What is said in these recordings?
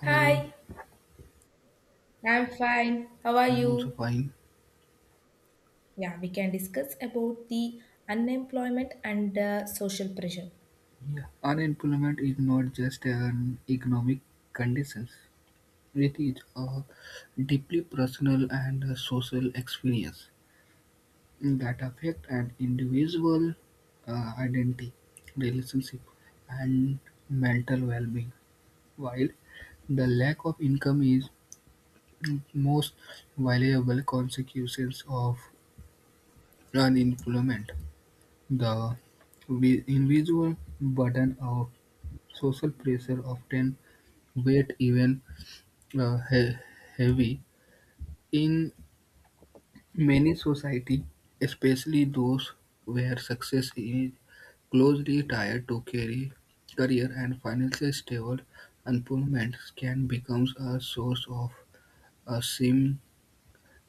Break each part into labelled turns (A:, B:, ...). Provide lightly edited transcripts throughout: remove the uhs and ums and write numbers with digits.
A: How are you?
B: Hi, I'm fine. How are
A: I'm also
B: you?
A: fine.
B: Yeah, we can discuss about the unemployment and social pressure.
A: Yeah. Unemployment is not just an economic condition. It is a deeply personal and a social experience that affect an individual identity, relationship, and mental well-being. While the lack of income is most valuable consequences of unemployment. The individual burden of social pressure often weight even uh, he- heavy in many society, especially those where success is closely tied to career, career and financial stable. Unemployment can become a source of sim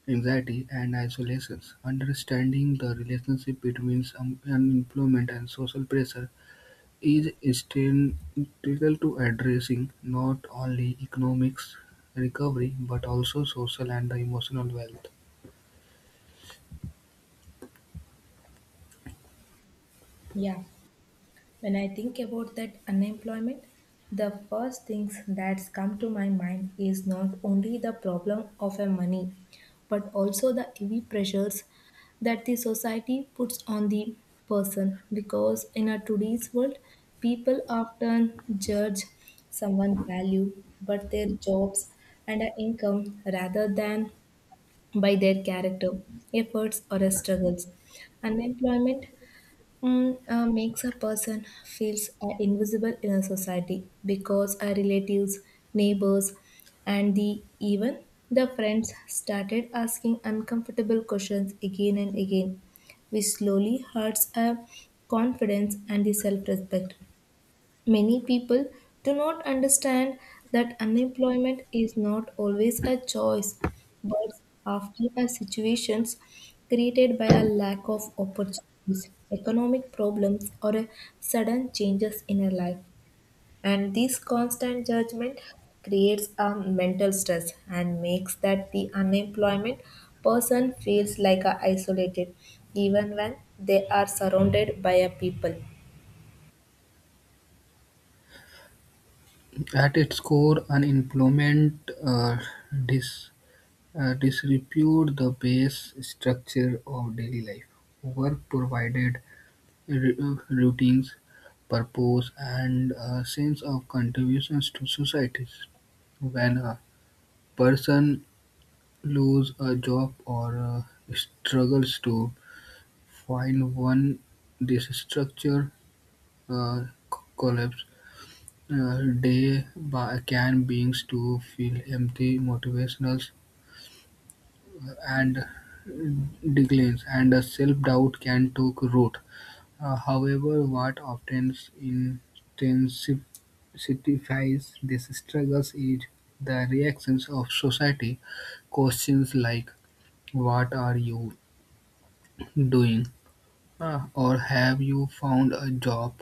A: anxiety and isolation. Understanding the relationship between some unemployment and social pressure is essential to addressing not only economic recovery but also social and the emotional wealth.
B: Yeah. When I think about that unemployment, the first things that's come to my mind is not only the problem of a money, but also the heavy pressures that the society puts on the person. Because in a today's world, people often judge someone's value, but their jobs and a income rather than by their character, efforts, or struggles. Unemployment makes a person feels invisible in a society because our relatives, neighbors, and the even the friends started asking uncomfortable questions again and again, which slowly hurts our confidence and the self-respect. Many people do not understand that unemployment is not always a choice, but often a situation's created by a lack of opportunities, economic problems, or a sudden changes in a life. And this constant judgment creates a mental stress and makes that the unemployment person feels like a isolated even when they are surrounded by a people.
A: At its core, unemployment dis, disrepute the base structure of daily life. Work provided routines, purpose, and a sense of contributions to societies. When a person loses a job or struggles to while when these structures collapse, they by, can beings to feel empty, motivational and declines, and self-doubt can take root. However, what often intensifies these struggles is the reactions of society. Questions like, "What are you doing?" Or, "Have you found a job?"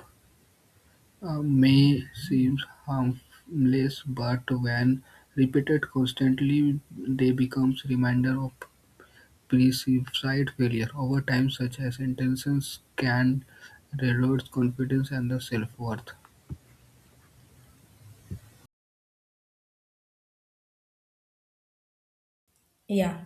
A: May seem harmless, but when repeated constantly, they become reminder of perceived failure. Over time, such as intentions can erode confidence and the self-worth.
B: Yeah.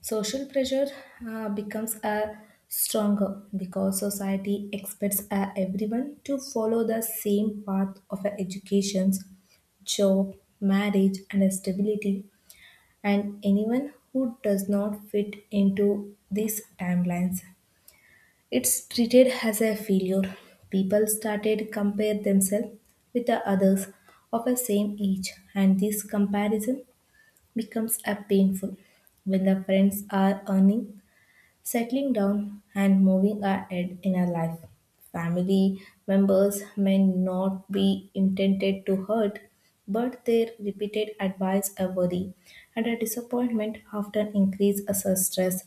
B: Social pressure becomes a stronger because society expects everyone to follow the same path of education, job, marriage, and stability. And anyone who does not fit into these timelines, it's treated as a failure. People started compare themselves with the others of the same age, and this comparison becomes a painful when the friends are earning, settling down and moving ahead in our life. Family members may not be intended to hurt, but their repeated advice are worry, and a disappointment often increase our stress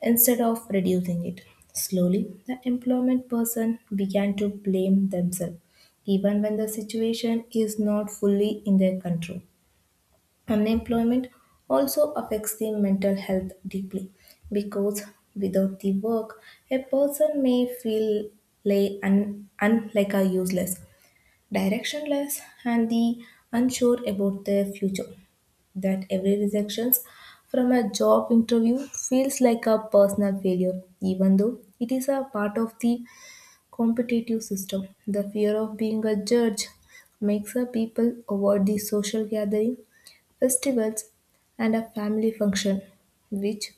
B: instead of reducing it. Slowly, the employment person began to blame themselves, even when the situation is not fully in their control. Unemployment also affects the mental health deeply because without the work, a person may feel like a useless, directionless, and the unsure about their future. That every rejection from a job interview feels like a personal failure, even though it is a part of the competitive system. The fear of being a judge makes a people avoid the social gathering, festivals, and a family function, which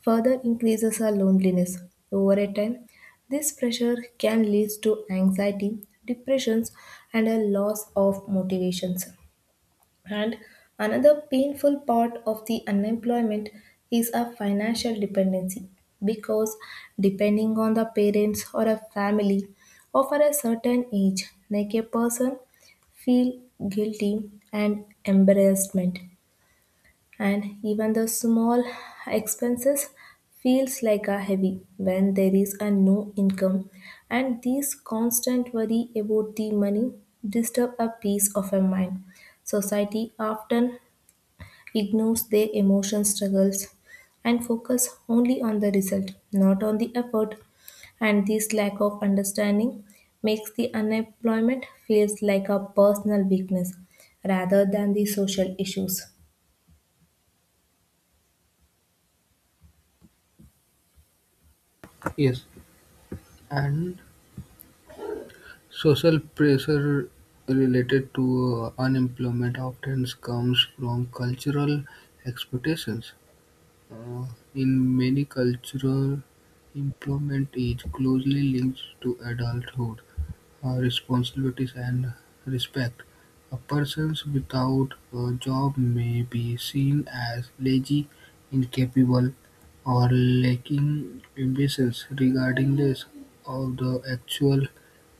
B: further increases our loneliness. Over a time, this pressure can lead to anxiety, depressions, and a loss of motivations. And another painful part of the unemployment is a financial dependency because depending on the parents or a family of a certain age, like a person feel guilty and embarrassment and even the small expenses feels like a heavy when there is a no income and these constant worry about the money disturb a peace of a mind, society often ignores their emotion struggles and focus only on the result, not on the effort, and this lack of understanding makes the unemployment feels like a personal weakness rather than the social issues.
A: Yes, and social pressure related to unemployment often comes from cultural expectations. Uh, In many cultural, employment is closely linked to adulthood, responsibilities, and respect. A person without a job may be seen as lazy, incapable, or lacking ambitions, regardless of the actual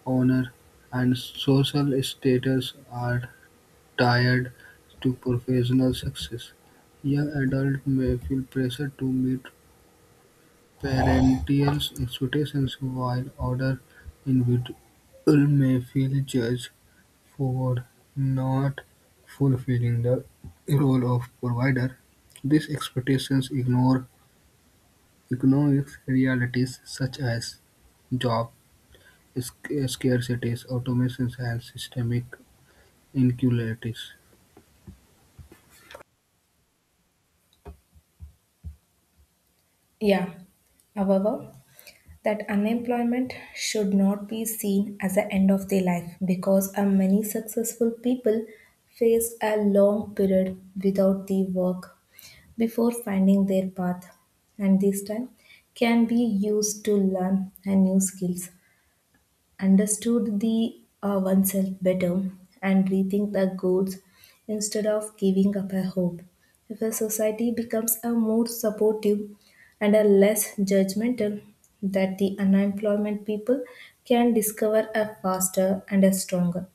A: honor and social status are tied to professional success. Young adults may feel pressure to meet parental expectations, while older individuals may feel judged for not fulfilling the role of provider. These expectations ignore economic realities such as job scarcities, automations, and systemic inequalities.
B: Yeah. However, that unemployment should not be seen as the end of their life because many successful people face a long period without the work before finding their path, and this time can be used to learn a new skills, understood the oneself better and rethink their goals instead of giving up a hope. If a society becomes a more supportive and a less judgmental, that the unemployment people can discover a faster and a stronger.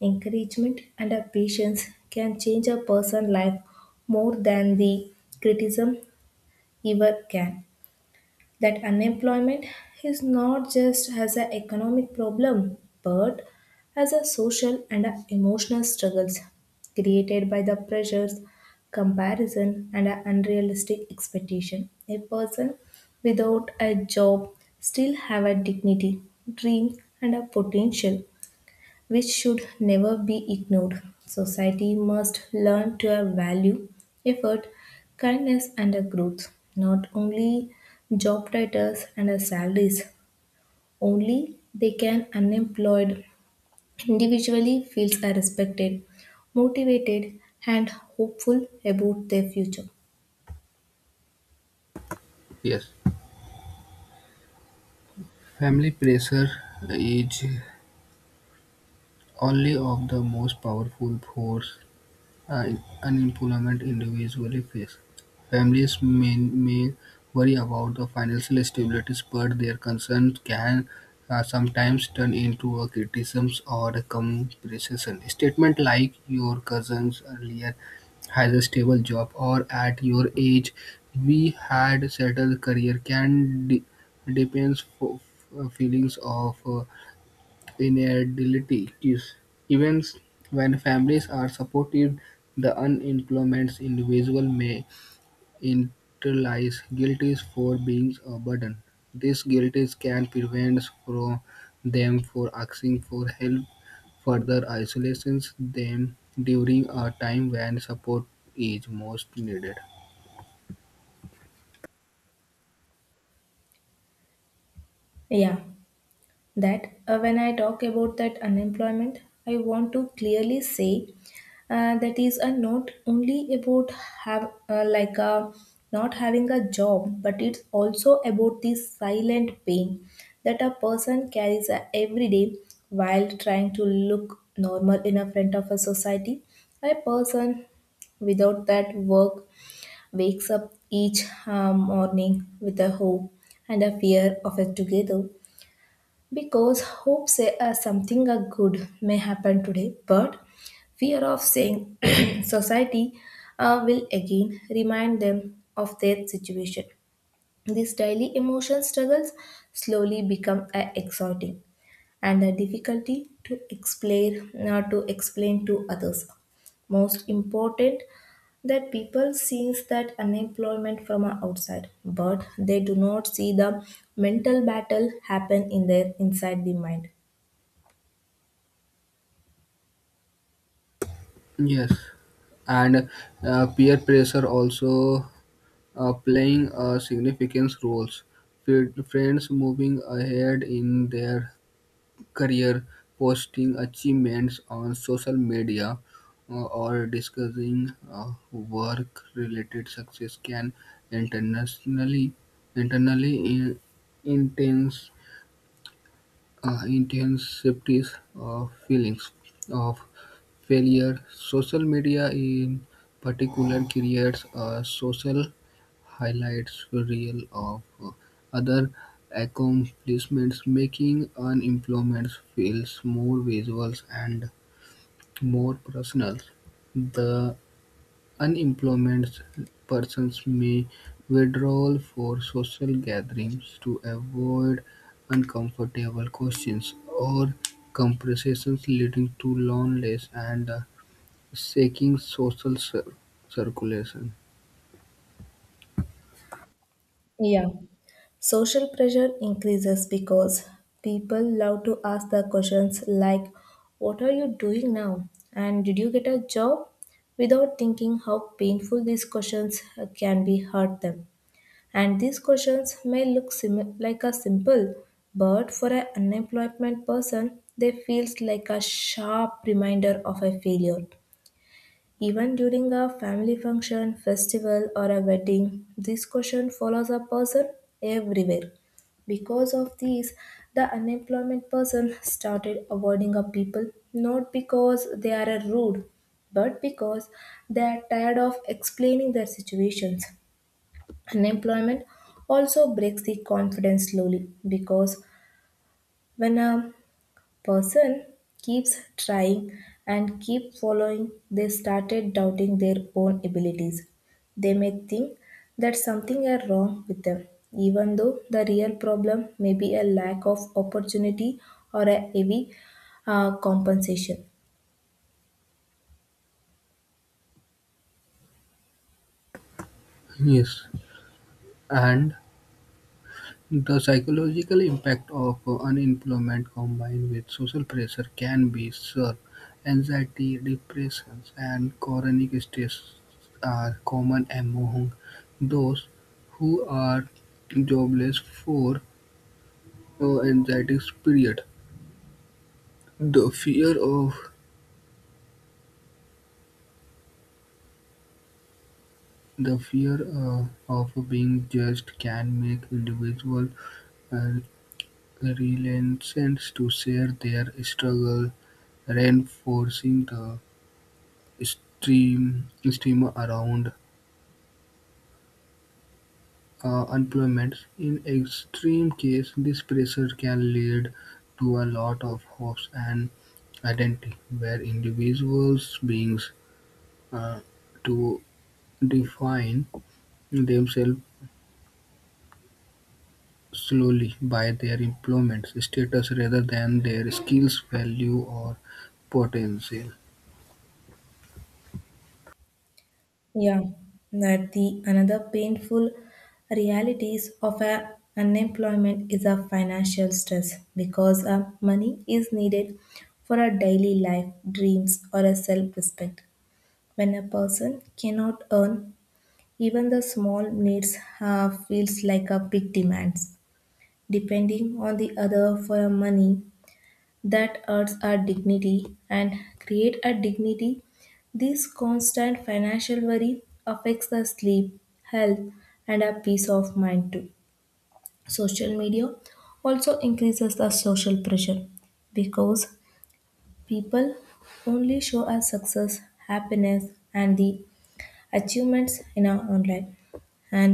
B: Encouragement and a patience can change a person's life more than the criticism ever can. That unemployment is not just as an economic problem but as a social and a emotional struggles created by the pressures, comparison and a unrealistic expectation. A person without a job still have a dignity, dream, and a potential which should never be ignored. Society must learn to value effort, kindness, and a growth, not only job titles and a salaries. Only they can unemployed individually feels are respected, motivated, and hopeful about their future.
A: Yes. Family pressure is only of the most powerful force unemployed individuals face. Families may worry about the financial stability, but their concerns can sometimes turn into a criticism or a comparison. Statement like your cousins earlier has a stable job or at your age we had settled career can depends for feelings of ineligibility is even when families are supported, the unemployment individual may internalize guilt for being a burden. This guilt can prevent from them for asking for help. Further isolates them during a time when support is most needed.
B: Yeah. that When I talk about that unemployment, I want to clearly say that is not only about have like not having a job, but it's also about the silent pain that a person carries every day while trying to look normal in a front of a society. A person without that work wakes up each morning with a hope and a fear of it together because hope say something a good may happen today, but fear of saying society will again remind them of their situation. These daily emotion struggles slowly become exhausting and the difficulty to explain to explain to others. Most important that people sees that unemployment from outside, but they do not see the mental battle happen in their inside the mind.
A: Yes, and peer pressure also playing a significant role. Friends moving ahead in their career, posting achievements on social media, or discussing work-related success can internationally internally in, intense intensities of feelings of failure. Social media, in particular, creates a social highlights reel of other accomplishments, making unemployment feels more visual and more personal. The unemployed persons may withdraw for social gatherings to avoid uncomfortable questions or conversations leading to loneliness and shaky social circulation.
B: Yeah. Social pressure increases because people love to ask the questions like, "What are you doing now?" and "Did you get a job?" without thinking how painful these questions can be hurt them. And these questions may look like a simple, but for an unemployment person, they feels like a sharp reminder of a failure. Even during a family function, festival, or a wedding, this question follows a person everywhere. Because of these, the unemployment person started avoiding a people not because they are a rude, but because they are tired of explaining their situations. Unemployment also breaks the confidence slowly because when a person keeps trying and keep following, they started doubting their own abilities. They may think that something is wrong with them, even though the real problem may be a lack of opportunity or a heavy compensation.
A: Yes, and the psychological impact of unemployment combined with social pressure can be severe. Anxiety, depression, and chronic stress are common among those who are jobless for an anxiety period. The fear of the fear of being judged can make individuals uh, reluctant to share their struggle, reinforcing the streamer around unemployment. In extreme case, this pressure can lead to a lot of hopes and identity, where individuals beings uh, to define themselves slowly by their employment status rather than their skills, value, or potential.
B: Yeah, that the another painful realities of a unemployment is a financial stress because money is needed for a daily life, dreams, or a self-respect. When a person cannot earn, even the small needs feels like a big demands. Depending on the other for money that hurts our dignity and create a dignity. This constant financial worry affects our sleep, health, and our peace of mind too. Social media also increases the social pressure because people only show us success, happiness, and the achievements in our online. An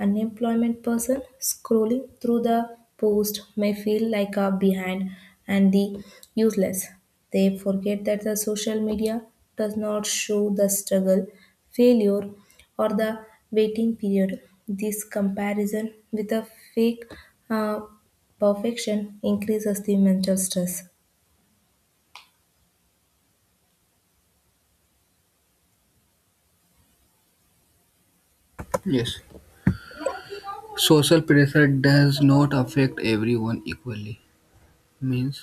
B: unemployment person scrolling through the post may feel like a behind and the useless. They forget that the social media does not show the struggle, failure, or the waiting period. This comparison with a fake uh, perfection increases the mental stress.
A: Yes. Social pressure does not affect everyone equally. Means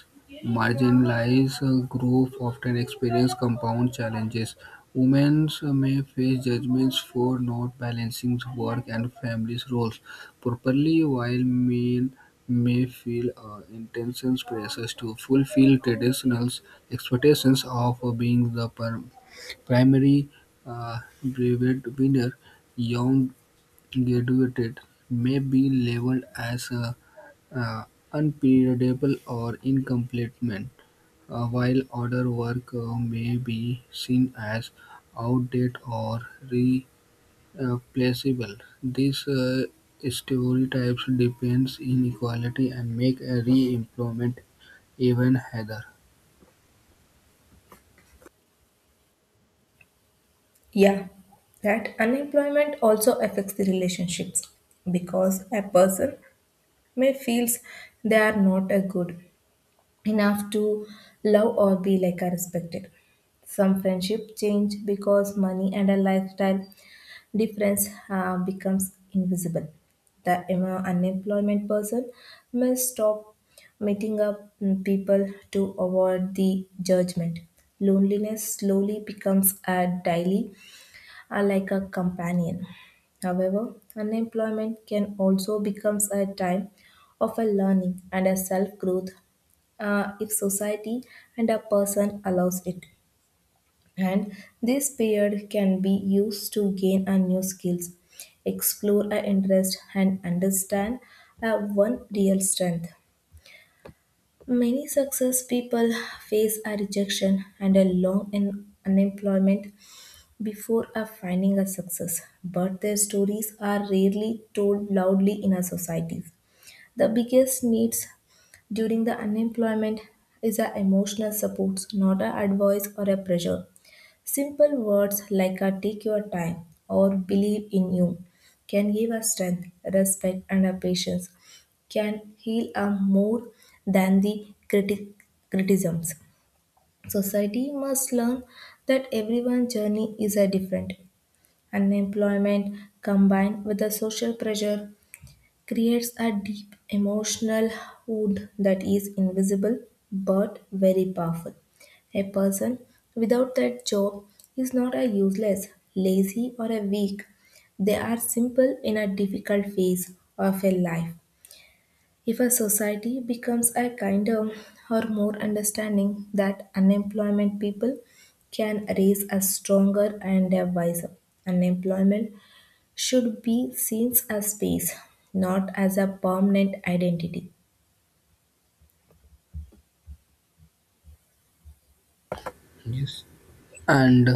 A: marginalized groups often experience compound challenges. Women may face judgments for not balancing work and family roles properly, while men may feel intense pressures to fulfill traditional expectations of being the primary brevet winner. Young graduated may be labeled as uh, unperiodable or incompletement. While other work may be seen as outdated or replaceable, these stereotypes depends inequality and make a re-employment even harder.
B: Yeah, that unemployment also affects the relationships because a person may feels they are not a good enough to love or be like a respected. Some friendship change because money and a lifestyle difference becomes invisible. The unemployment person may stop meeting up people to avoid the judgment. Loneliness slowly becomes a daily are like a companion. However, unemployment can also become a time of a learning and a self growth if society and a person allows it. And this period can be used to gain a new skills, explore a interest, and understand a one real strength. Many success people face a rejection and a long in unemployment before a finding a success, but their stories are rarely told loudly in our societies. The biggest needs during the unemployment is a emotional support, not a advice or a pressure. Simple words like a "take your time" or "believe in you" can give us strength, respect, and a patience can heal us more than the criticisms. Society must learn that everyone's journey is a different. Unemployment combined with the social pressure creates a deep emotional wound that is invisible but very powerful. A person without that job is not a useless, lazy, or a weak. They are simple in a difficult phase of a life. If a society becomes a kinder or more understanding that unemployment people can raise a stronger and a wiser. Unemployment should be seen as space, not as a permanent identity.
A: Yes, and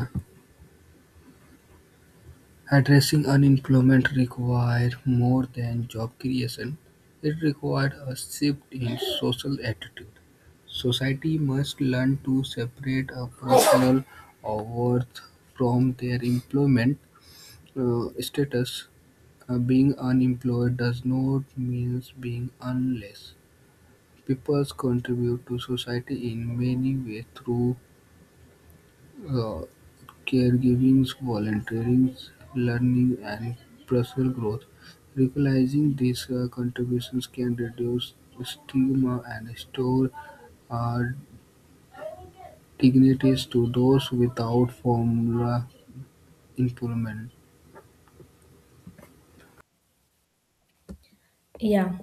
A: addressing unemployment required more than job creation. It required a shift in social attitude. Society must learn to separate a personal worth from their employment status. Being unemployed does not mean being unless. People contribute to society in many ways through uh, caregiving, volunteering, learning, and personal growth. Recognizing these contributions can reduce stigma and restore uh, dignities to those without formal employment.
B: Yeah.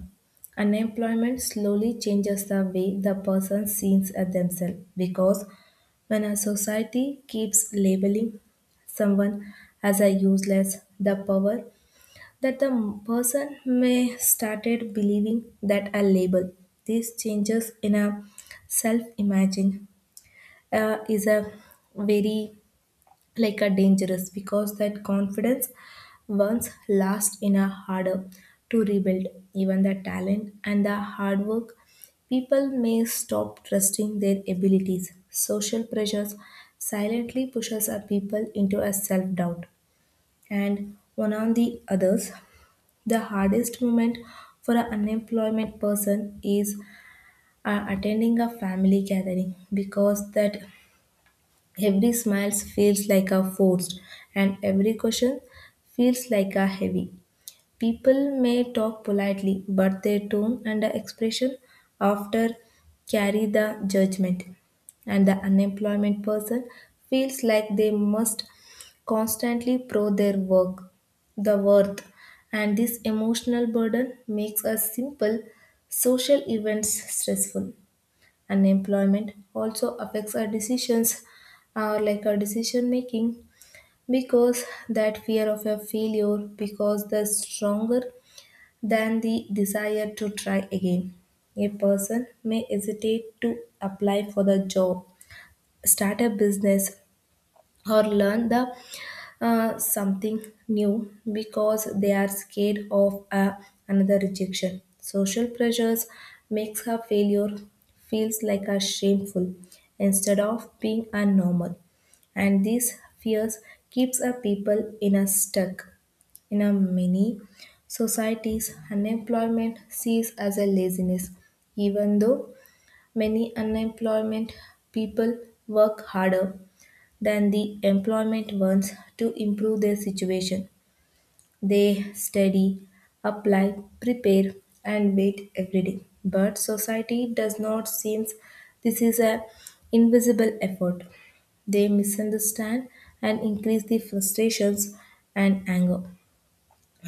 B: Unemployment slowly changes the way the person sees at themselves because when a society keeps labeling someone as a useless, the power that the person may started believing that a label, these changes in a self imagine is a very like a dangerous because that confidence once lost in a harder to rebuild. Even the talent and the hard work, people may stop trusting their abilities. Social pressures silently pushes a people into a self doubt and one on the others. The hardest moment for an unemployment person is attending a family gathering because that every smile feels like a forced and every question feels like a heavy. People may talk politely, but their tone and expression after carry the judgment, and the unemployment person feels like they must constantly prove their work, the worth, and this emotional burden makes a simple social events stressful. Unemployment also affects our decisions, like our decision making, because that fear of a failure, because the stronger than the desire to try again. A person may hesitate to apply for the job, start a business, or learn the something new because they are scared of another rejection. Social pressures makes her failure feels like a shameful instead of being a normal, and these fears keeps a people in a stuck. In a many societies, unemployment sees as a laziness, even though many unemployment people work harder than the employment ones to improve their situation. They study, apply, prepare, and wait every day. But society does not seem this is a invisible effort. They misunderstand and increase the frustrations and anger.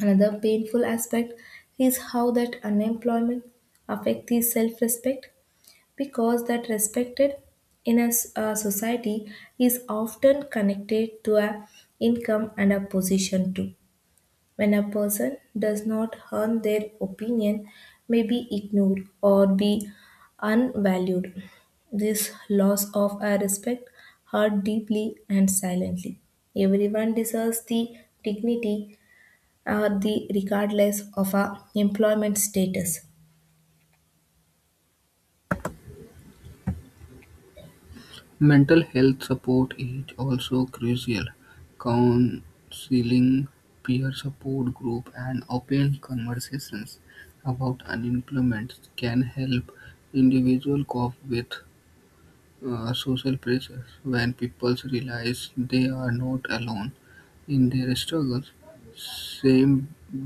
B: Another painful aspect is how that unemployment affects the self-respect because that respected in a a society is often connected to a income and a position too when a person does not earn their opinion may be ignored or be unvalued. This loss of a respect hurt deeply and silently. Everyone deserves the dignity, the regardless of our employment status.
A: Mental health support is also crucial. Counseling, peer support group, and open conversations about unemployment can help individuals cope with social pressures when people realize they are not alone in their struggles same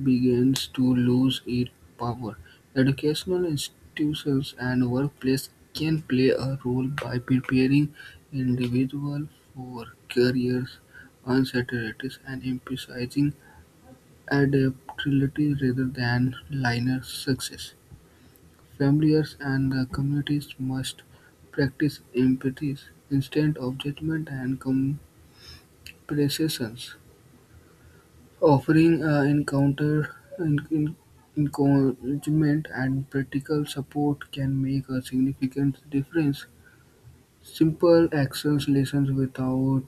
A: begins to lose its power. Educational institutions and workplace can play a role by preparing individuals for careers uncertainties and emphasizing adaptability rather than linear success. Families and the communities must practice empathy instead of judgment and comparison, offering encouragement and practical support can make a significant difference. Simple actions listen without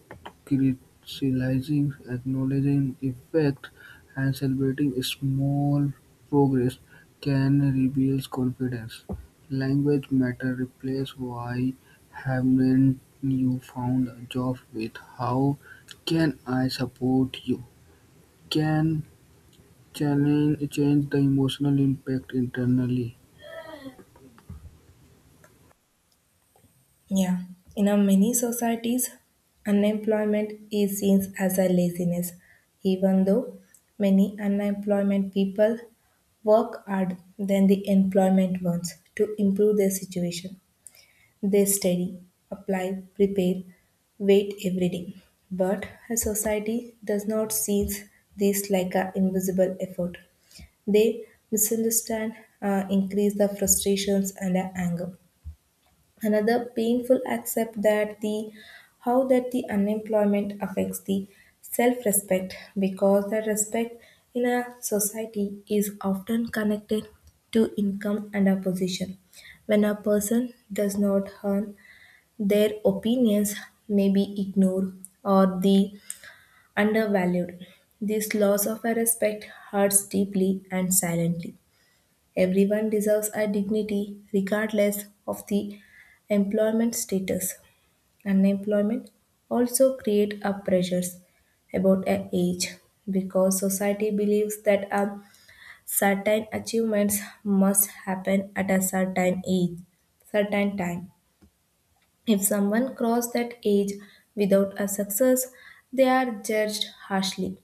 A: criticizing, acknowledging effect, and celebrating small progress can rebuild confidence. Language matter replace why haven't you found a job with how can I support you? Can change the emotional impact internally.
B: Yeah, in a many societies, unemployment is seen as a laziness, even though many unemployment people work hard than the employment ones to improve their situation. They study, apply, prepare, wait every day. But a society does not see this like an invisible effort. They misunderstand, increase the frustrations and the anger. Another painful accept that the how that the unemployment affects the self-respect because the respect in a society is often connected to income and a position when a person does not earn their opinions may be ignored or the undervalued. This loss of a respect hurts deeply and silently. Everyone deserves a dignity regardless of the employment status. Unemployment also create a pressures about a age because society believes that a certain achievements must happen at a certain age, certain time. If someone cross that age without a success, they are judged harshly.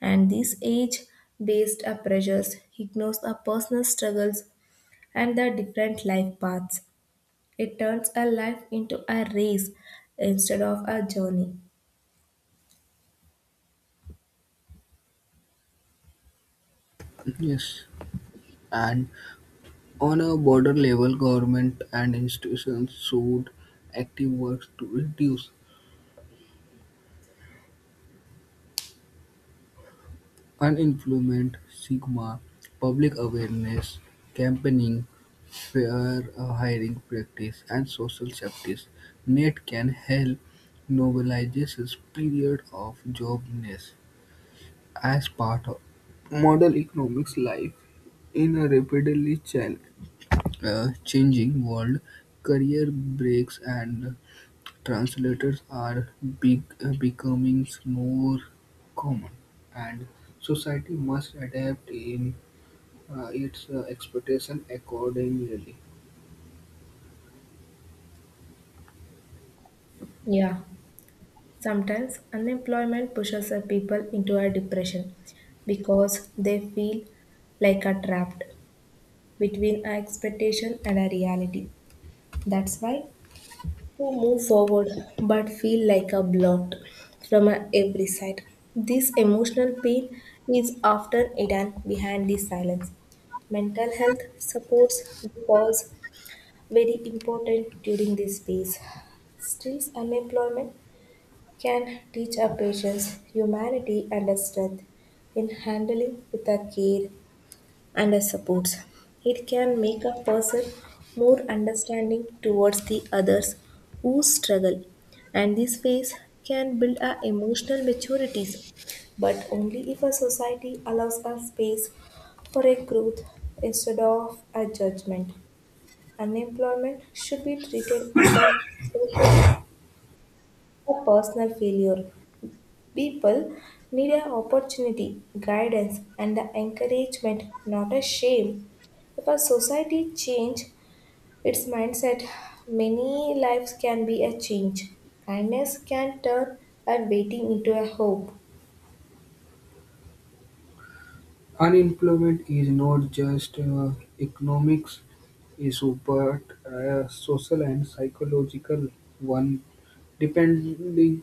B: And this age based pressures ignores the personal struggles and the different life paths. It turns a life into a race instead of a journey.
A: Yes. And on a border level, government and institutions should active work to reduce unemployment, stigma, public awareness, campaigning, fair hiring practice, and social justice. NET can help normalize this period of joblessness as part of modern economics life in a rapidly changing world. Career breaks and translators are big, becoming more common, and society must adapt in its expectation accordingly.
B: Yeah, sometimes unemployment pushes a people into a depression because they feel like a trapped between a expectation and a reality. That's why to move forward but feel like a blocked from every side. This emotional pain is often hidden behind this silence. Mental health supports was very important during this phase. Still, unemployment can teach our patients humanity and a strength in handling with a care and as supports. It can make a person more understanding towards the others who struggle, and this phase can build our emotional maturities, but only if a society allows a space for a growth instead of a judgment. Unemployment should be treated as a social or personal failure. People need an opportunity, guidance, and the encouragement, not a shame. If a society change its mindset, many lives can be a change. Kindness can turn a waiting into a hope.
A: Unemployment is not just economics issue, but a social and psychological one, depending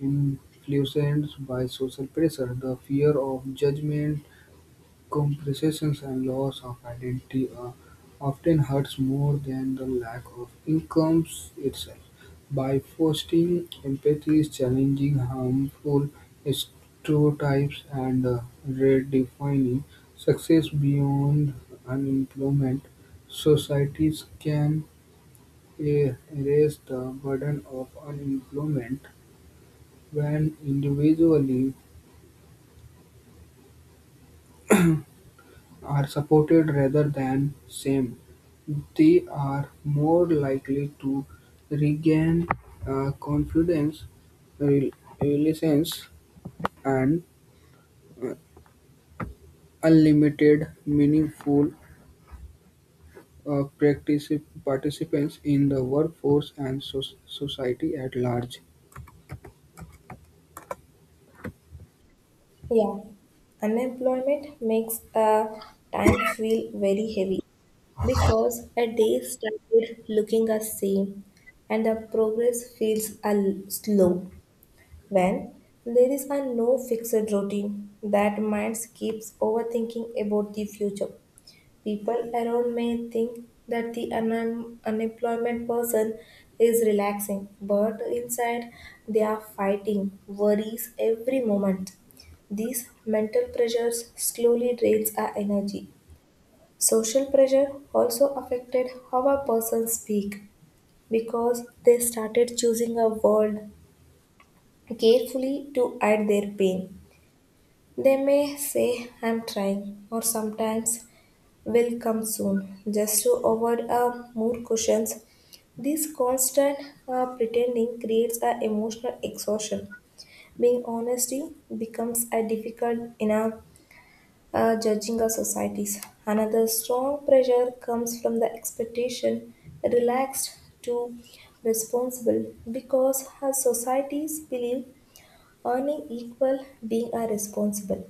A: influenced by social pressure, the fear of judgment, compressions and loss of identity often hurts more than the lack of incomes itself. By fostering empathy, challenging harmful stereotypes, and redefining success beyond unemployment, societies can erase the burden of unemployment when individually are supported rather than shamed, they are more likely to regain confidence, rel- resilience, and uh, unlimited meaningful participants in the workforce and society at large.
B: Yeah, unemployment makes a time feel very heavy because a day started looking the same and the progress feels a slow. When there is a no fixed routine that mind keeps overthinking about the future. People around may think that the unemployment person is relaxing, but inside they are fighting worries every moment. These mental pressures slowly drains our energy. Social pressure also affected how a person speak because they started choosing a word carefully to hide their pain. They may say, I'm trying, or sometimes, will come soon, just to avoid more questions. This constant pretending creates an emotional exhaustion. Being honesty becomes a difficult in a judging our societies. Another strong pressure comes from the expectation relaxed to responsible because our societies believe earning equal being a responsible.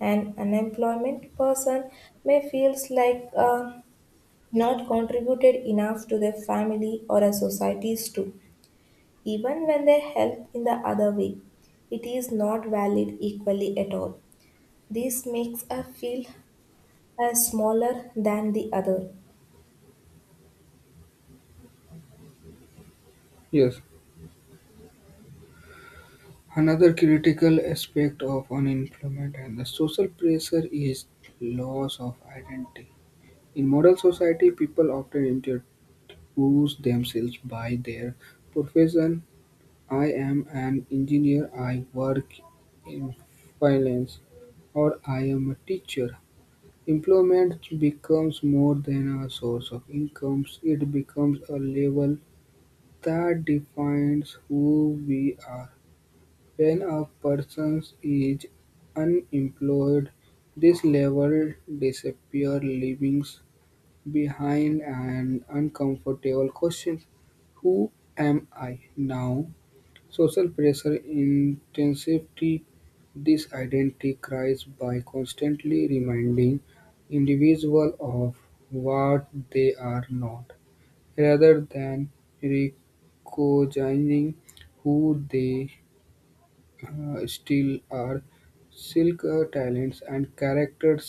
B: An unemployment person may feel like not contributed enough to their family or a society's too, even when they help in the other way. It is not valid equally at all. This makes us feel as smaller than the other.
A: Yes. Another critical aspect of unemployment and the social pressure is loss of identity. In modern society, people often choose themselves by their profession. I am an engineer, I work in finance, or I am a teacher. Employment becomes more than a source of income, it becomes a level that defines who we are. When a person is unemployed, this level disappears, leaving behind an uncomfortable question: who am I now? Social pressure intensifies this identity crisis by constantly reminding individuals of what they are not, rather than recognizing who they still are silk talents and characters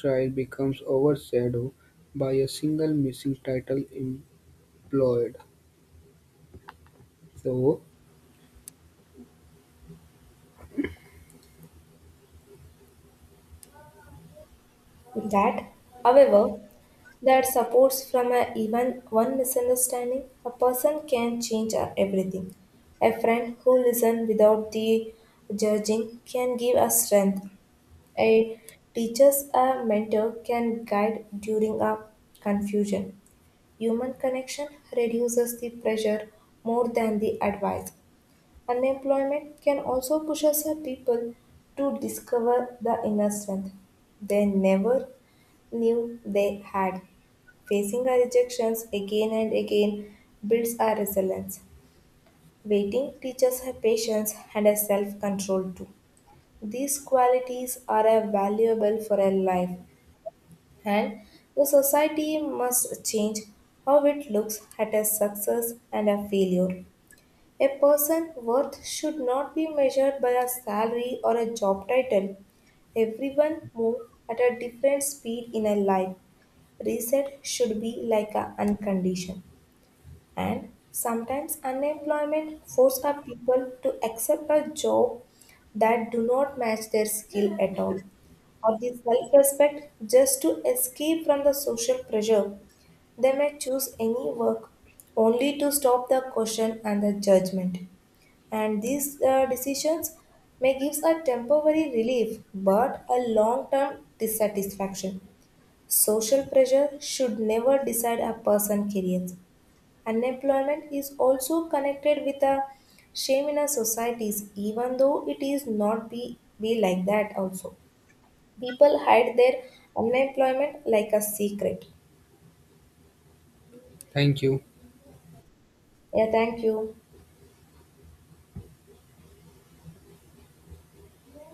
A: trial becomes overshadowed by a single missing title employed so
B: That, however, that supports from a, even one misunderstanding, a person can change everything. A friend who listens without the judging can give us strength. A teacher's a mentor can guide during a confusion. Human connection reduces the pressure more than the advice. Unemployment can also push us a people to discover the inner strength they never knew they had. Facing our rejections again and again builds our resilience. Waiting teaches her patience and her self control too. These qualities are, valuable for her life, and the society must change how it looks at a success and a failure. A person's worth should not be measured by a salary or a job title. Everyone moves at a different speed in a life. Reset should be like a uncondition, and sometimes unemployment force our people to accept a job that do not match their skill at all or the self-respect just to escape from the social pressure. They may choose any work only to stop the question and the judgment, and these, decisions may give a temporary relief but a long-term dissatisfaction. Social pressure should never decide a person's career. Unemployment is also connected with a shame in our societies, even though it is not be like that also. People hide their unemployment like a secret.
A: thank you.
B: Yeah, thank you.